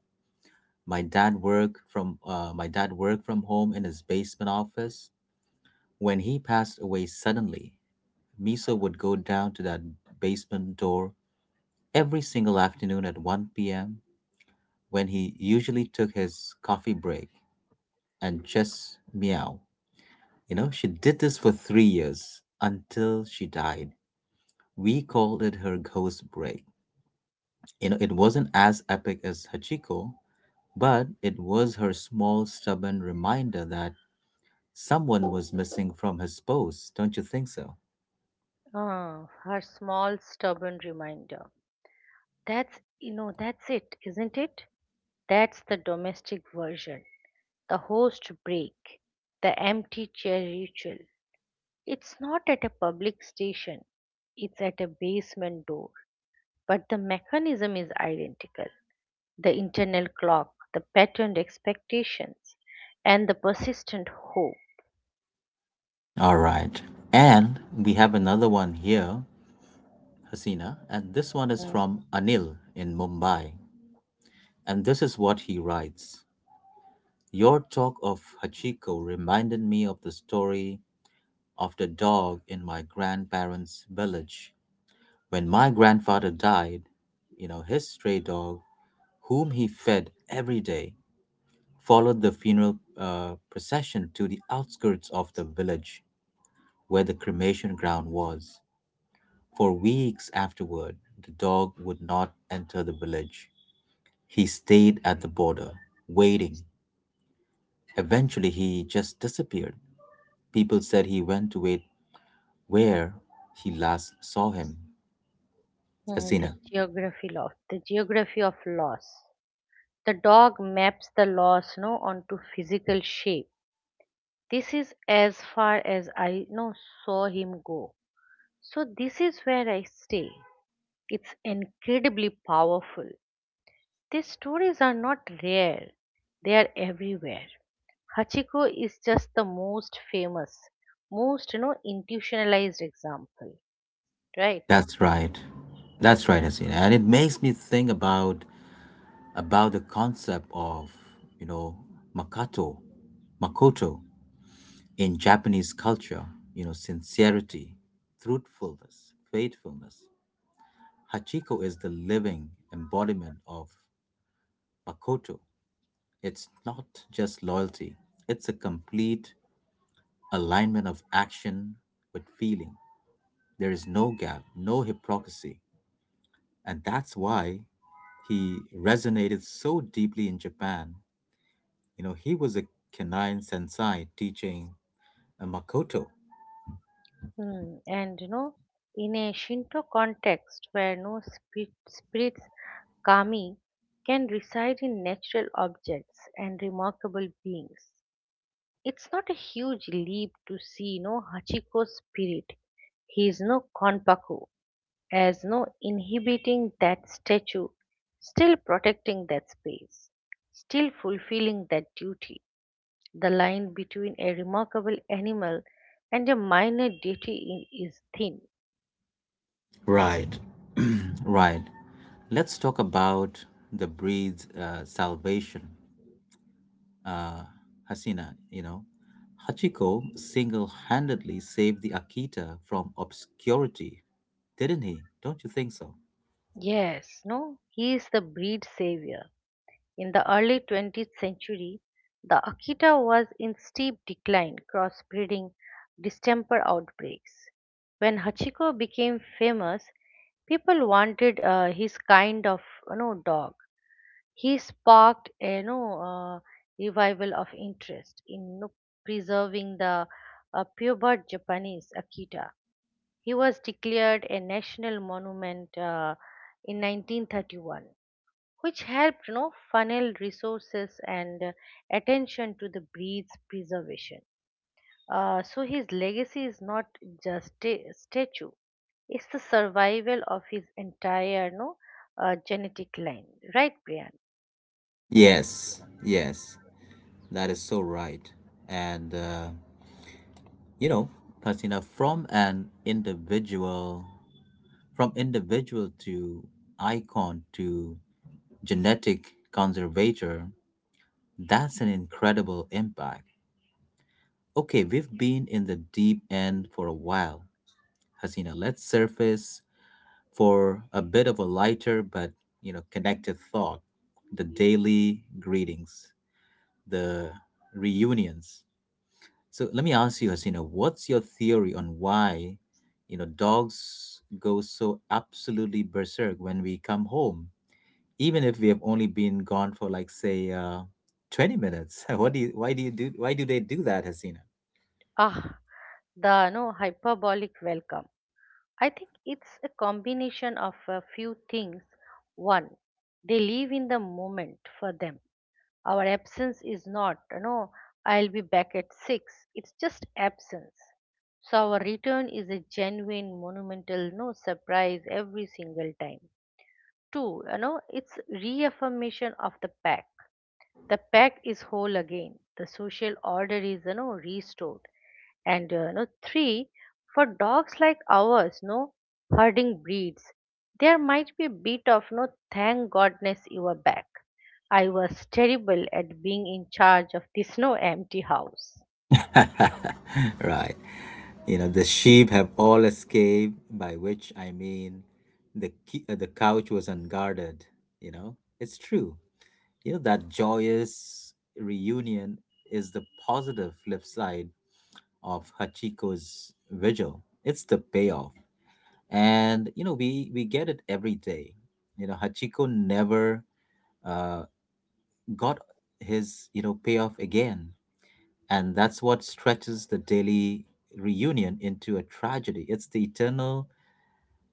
Speaker 1: My dad worked from home in his basement office. When he passed away suddenly, Miso would go down to that basement door every single afternoon at 1 p.m. when he usually took his coffee break and just meow. You know, she did this for 3 years until she died. We called it her ghost break. You know, it wasn't as epic as Hachiko, but it was her small, stubborn reminder that someone was missing from his post. Don't you think so?
Speaker 2: Ah, her small, stubborn reminder. That's it, isn't it? That's the domestic version, the host break, the empty chair ritual. It's not at a public station, it's at a basement door. But the mechanism is identical: the internal clock, the patterned expectations, and the persistent hope.
Speaker 1: All right. And we have another one here, Hasina, and this one is
Speaker 2: Mm,
Speaker 1: from Anil in Mumbai. And this is what he writes: your talk of Hachiko reminded me of the story of the dog in my grandparents' village. When my grandfather died, you know, his stray dog, whom he fed every day, followed the funeral procession to the outskirts of the village where the cremation ground was. For weeks afterward, the dog would not enter the village. He stayed at the border, waiting. Eventually, he just disappeared. People said he went to wait where he last saw him.
Speaker 2: the
Speaker 1: Asina.
Speaker 2: geography of the geography of loss. The dog maps the loss no onto physical shape. This is as far as I no saw him go. So this is where I stay. It's incredibly powerful. These stories are not rare. They are everywhere. Hachiko is just the most famous, most institutionalized example, right?
Speaker 1: That's right. That's right, Asina. And it makes me think about the concept of, you know, makoto, Makoto in Japanese culture, you know, sincerity, truthfulness, faithfulness. Hachiko is the living embodiment of Makoto. It's not just loyalty, it's a complete alignment of action with feeling. There is no gap, no hypocrisy. And that's why he resonated so deeply in Japan. You know, he was a Kenai sensei teaching a Makoto.
Speaker 2: And in a Shinto context where no spirits kami can reside in natural objects and remarkable beings, it's not a huge leap to see no Hachiko's spirit. He is no konpaku, as no inhibiting that statue, still protecting that space, still fulfilling that duty. The line between a remarkable animal and a minor deity is thin.
Speaker 1: Right, right. Let's talk about the breed's salvation. Uh, Hasina, you know, Hachiko single handedly saved the Akita from obscurity, didn't he? Don't you think so?
Speaker 2: Yes, no, he is the breed savior. In the early 20th century, the Akita was in steep decline, crossbreeding distemper outbreaks. When Hachiko became famous, people wanted his kind of dog. He sparked a revival of interest in preserving the purebred Japanese Akita. He was declared a national monument in 1931, which helped funnel resources and attention to the breed's preservation. So his legacy is not just a statue; it's the survival of his entire no genetic line, right, Brian?
Speaker 1: Yes, yes, that is so right. And you know, Hasina, from individual to icon to genetic conservator, that's an incredible impact. Okay, we've been in the deep end for a while. Hasina, let's surface for a bit of a lighter but, you know, connected thought. The daily greetings, the reunions. So let me ask you, Hasina, what's your theory on why, you know, dogs go so absolutely berserk when we come home, even if we have only been gone for like say 20 minutes? What do you, why do you do, why do they do that, Hasina?
Speaker 2: Ah, the no hyperbolic welcome. I think it's a combination of a few things. One, they live in the moment for them. Our absence is not, I'll be back at six. It's just absence. So our return is a genuine, monumental, no surprise every single time. Two, it's reaffirmation of the pact: the pack is whole again, the social order is restored. And no three, for dogs like ours, no herding breeds, there might be a bit of no, thank godness you are back. I was terrible at being in charge of this no empty house.
Speaker 1: Right. You know, the sheep have all escaped, by which I mean the, the couch was unguarded. You know, it's true. You know, that joyous reunion is the positive flip side of Hachiko's vigil. It's the payoff. And, you know, we get it every day. You know, Hachiko never uh, got his, you know, payoff again. And that's what stretches the daily reunion into a tragedy. It's the eternal,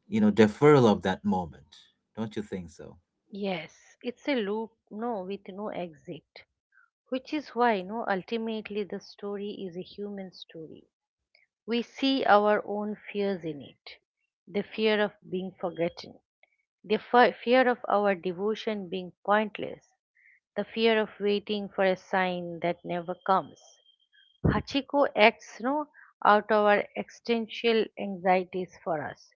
Speaker 1: you know, deferral of that moment. Don't you think so?
Speaker 2: Yes, it's a loop no, with no exit, which is why no, ultimately, the story is a human story. We see our own fears in it: the fear of being forgotten, the fear of our devotion being pointless, the fear of waiting for a sign that never comes. Hachiko acts no, out our existential anxieties for us,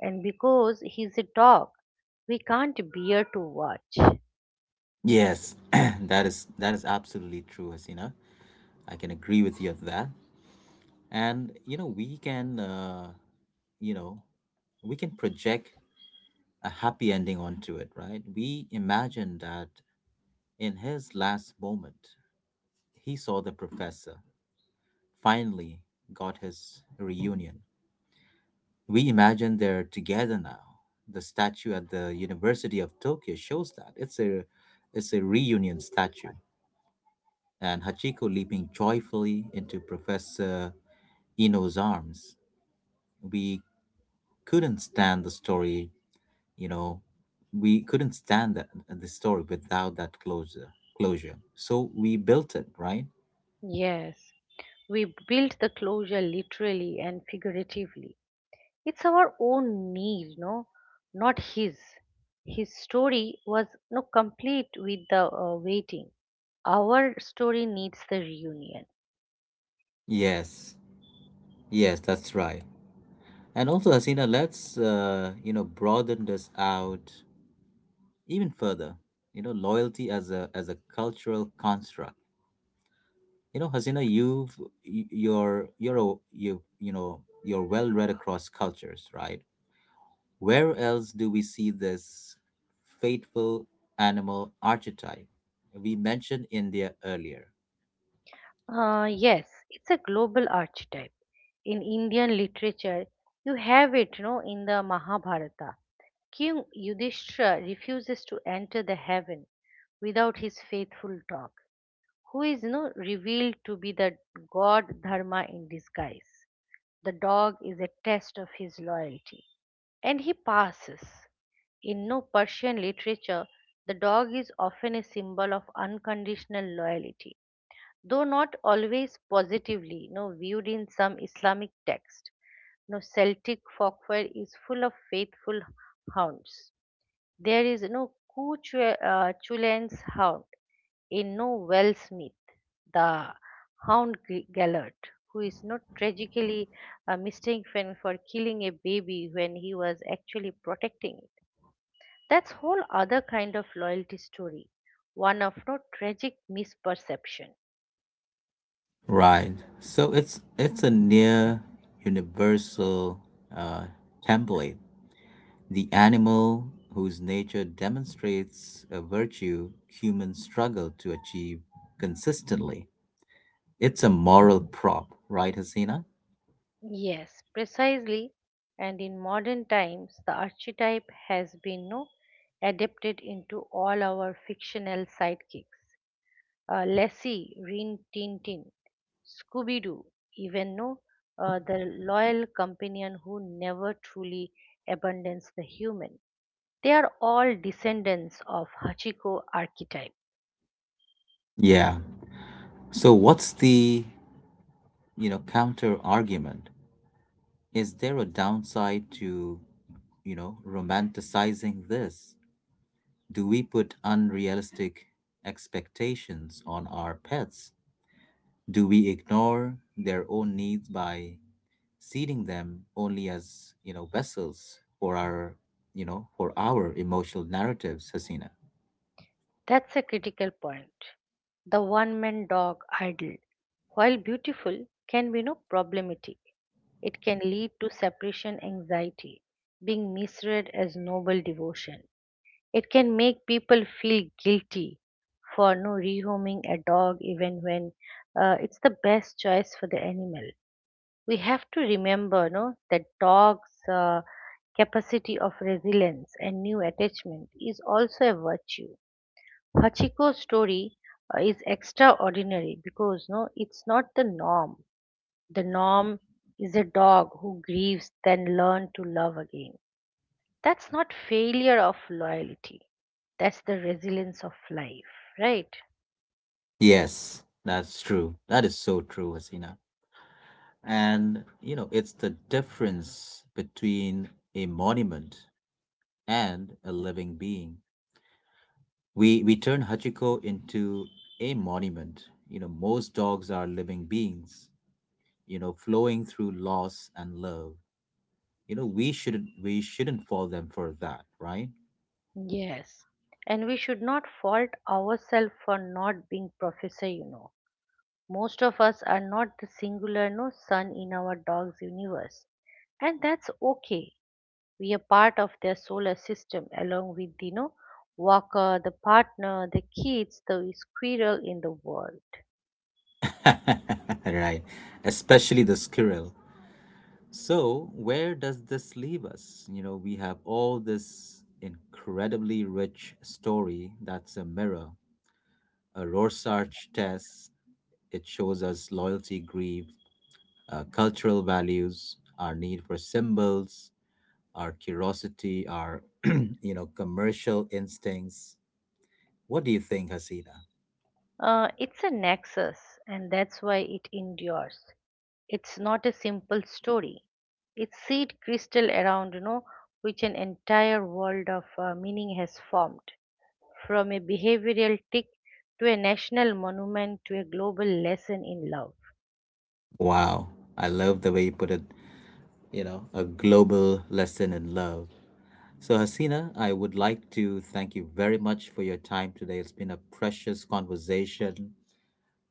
Speaker 2: and because he's a dog, we can't bear to watch.
Speaker 1: Yes, that is absolutely true, Hasina. I can agree with you on that. And you know, we can you know, we can project a happy ending onto it, right? We imagine that in his last moment, he saw the professor, finally got his reunion. We imagine they're together now. The statue at the University of Tokyo shows that. It's a reunion statue. And Hachiko leaping joyfully into Professor Ino's arms. We couldn't stand the story, you know, we couldn't stand the story without that closure. So we built it, right?
Speaker 2: Yes, we built the closure literally and figuratively. It's our own need, no, not his. His story was no complete with the waiting. Our story needs the reunion.
Speaker 1: Yes. Yes, that's right. And also Hasina, let's you know, broaden this out even further. You know, loyalty as a cultural construct. You know, Hasina, you've y- you're a, you know you're well read across cultures, right? Where else do we see this fateful animal archetype? We mentioned India earlier.
Speaker 2: Yes, it's a global archetype. In Indian literature, you have it, in the Mahabharata. King Yudhishthira refuses to enter the heaven without his faithful dog, who is, revealed to be the god Dharma in disguise. The dog is a test of his loyalty, and he passes. In no Persian literature, the dog is often a symbol of unconditional loyalty, though not always positively, no viewed in some Islamic text. No Celtic folklore is full of faithful hounds. There is no Cú, uh, hound, in no Wellsmith, the hound Gellert, who is not tragically mistaken for killing a baby when he was actually protecting it. That's whole other kind of loyalty story, one of no tragic misperception.
Speaker 1: Right, so it's a near universal uh, template. The animal whose nature demonstrates a virtue humans struggle to achieve consistently. It's a moral prop, right, Hasina?
Speaker 2: Yes, precisely. And in modern times, the archetype has been no adapted into all our fictional sidekicks: Lassie, Rin Tin Tin, Scooby Doo, even no, the loyal companion who never truly abandons the human. They are all descendants of Hachiko archetype.
Speaker 1: Yeah. So what's the, you know, counter argument? Is there a downside to, you know, romanticizing this? Do we put unrealistic expectations on our pets? Do we ignore their own needs by seeing them only as vessels for our, emotional narratives, Hasina?
Speaker 2: That's a critical point. The one man dog idol, while beautiful, can be no problematic. It can lead to separation anxiety, being misread as noble devotion. It can make people feel guilty for no rehoming a dog even when it's the best choice for the animal. We have to remember no, that dogs capacity of resilience and new attachment is also a virtue. Hachiko's story is extraordinary because no, it's not the norm. The norm is a dog who grieves then learn to love again. That's not failure of loyalty. That's the resilience of life, right?
Speaker 1: Yes, that's true, that is so true, Hasina. And you know, it's the difference between a monument and a living being. We turn Hachiko into a monument. You know, most dogs are living beings, you know, flowing through loss and love. We shouldn't fault them for that, right?
Speaker 2: Yes. And we should not fault ourselves for not being professor. Most of us are not the singular no sun in our dog's universe. And that's okay. We are part of their solar system along with the walker, the partner, the kids, the squirrel in the world.
Speaker 1: Right. Especially the squirrel. So, where does this leave us? You know, we have all this incredibly rich story that's a mirror, a Rorschach test. It shows us loyalty, grief, cultural values, our need for symbols, our curiosity, our you know, commercial instincts. What do you think, Hasina?
Speaker 2: It's a nexus, and that's why it endures. It's not a simple story. It's seed crystal around, which an entire world of meaning has formed, from a behavioral tick to a national monument to a global lesson in love.
Speaker 1: Wow, I love the way you put it, you know, a global lesson in love. So, Hasina, I would like to thank you very much for your time today. It's been a precious conversation,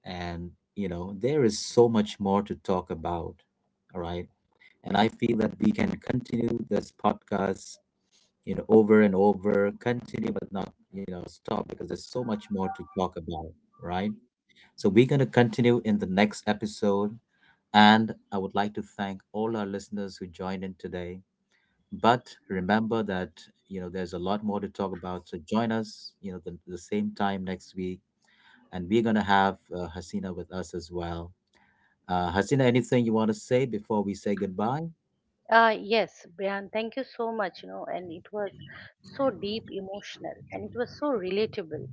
Speaker 1: and, you know, there is so much more to talk about. All right. And I feel that we can continue this podcast, you know, over and over, continue, but not, you know, stop because there's so much more to talk about, right? So, we're going to continue in the next episode. And I would like to thank all our listeners who joined in today. But remember that, you know, there's a lot more to talk about. So join us, you know, the same time next week. And we're going to have Hasina with us as well. Hasina, anything you want to say before we say goodbye?
Speaker 2: Yes, Brian, thank you so much, and it was so deep emotional and it was so relatable.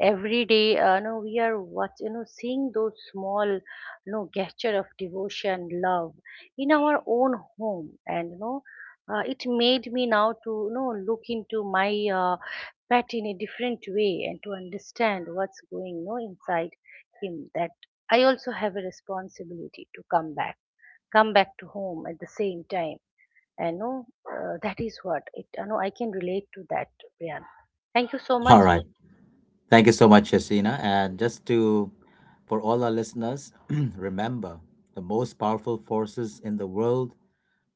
Speaker 2: Every day, we are, what, seeing those small, gesture of devotion, love in our own home, and it made me now to look into my pet in a different way and to understand what's going, inside him. That I also have a responsibility to come back to home at the same time, and no, that is what it. I know I can relate to that, Priyan. Thank you so much.
Speaker 1: All right. Thank you so much, Hasina. And just to, for all our listeners, remember the most powerful forces in the world,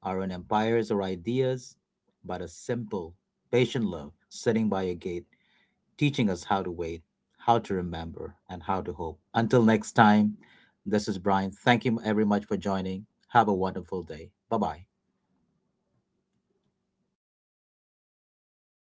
Speaker 1: our own empires or ideas, but a simple, patient love sitting by a gate, teaching us how to wait, how to remember, and how to hope. Until next time, this is Brian. Thank you very much for joining. Have a wonderful day. Bye bye.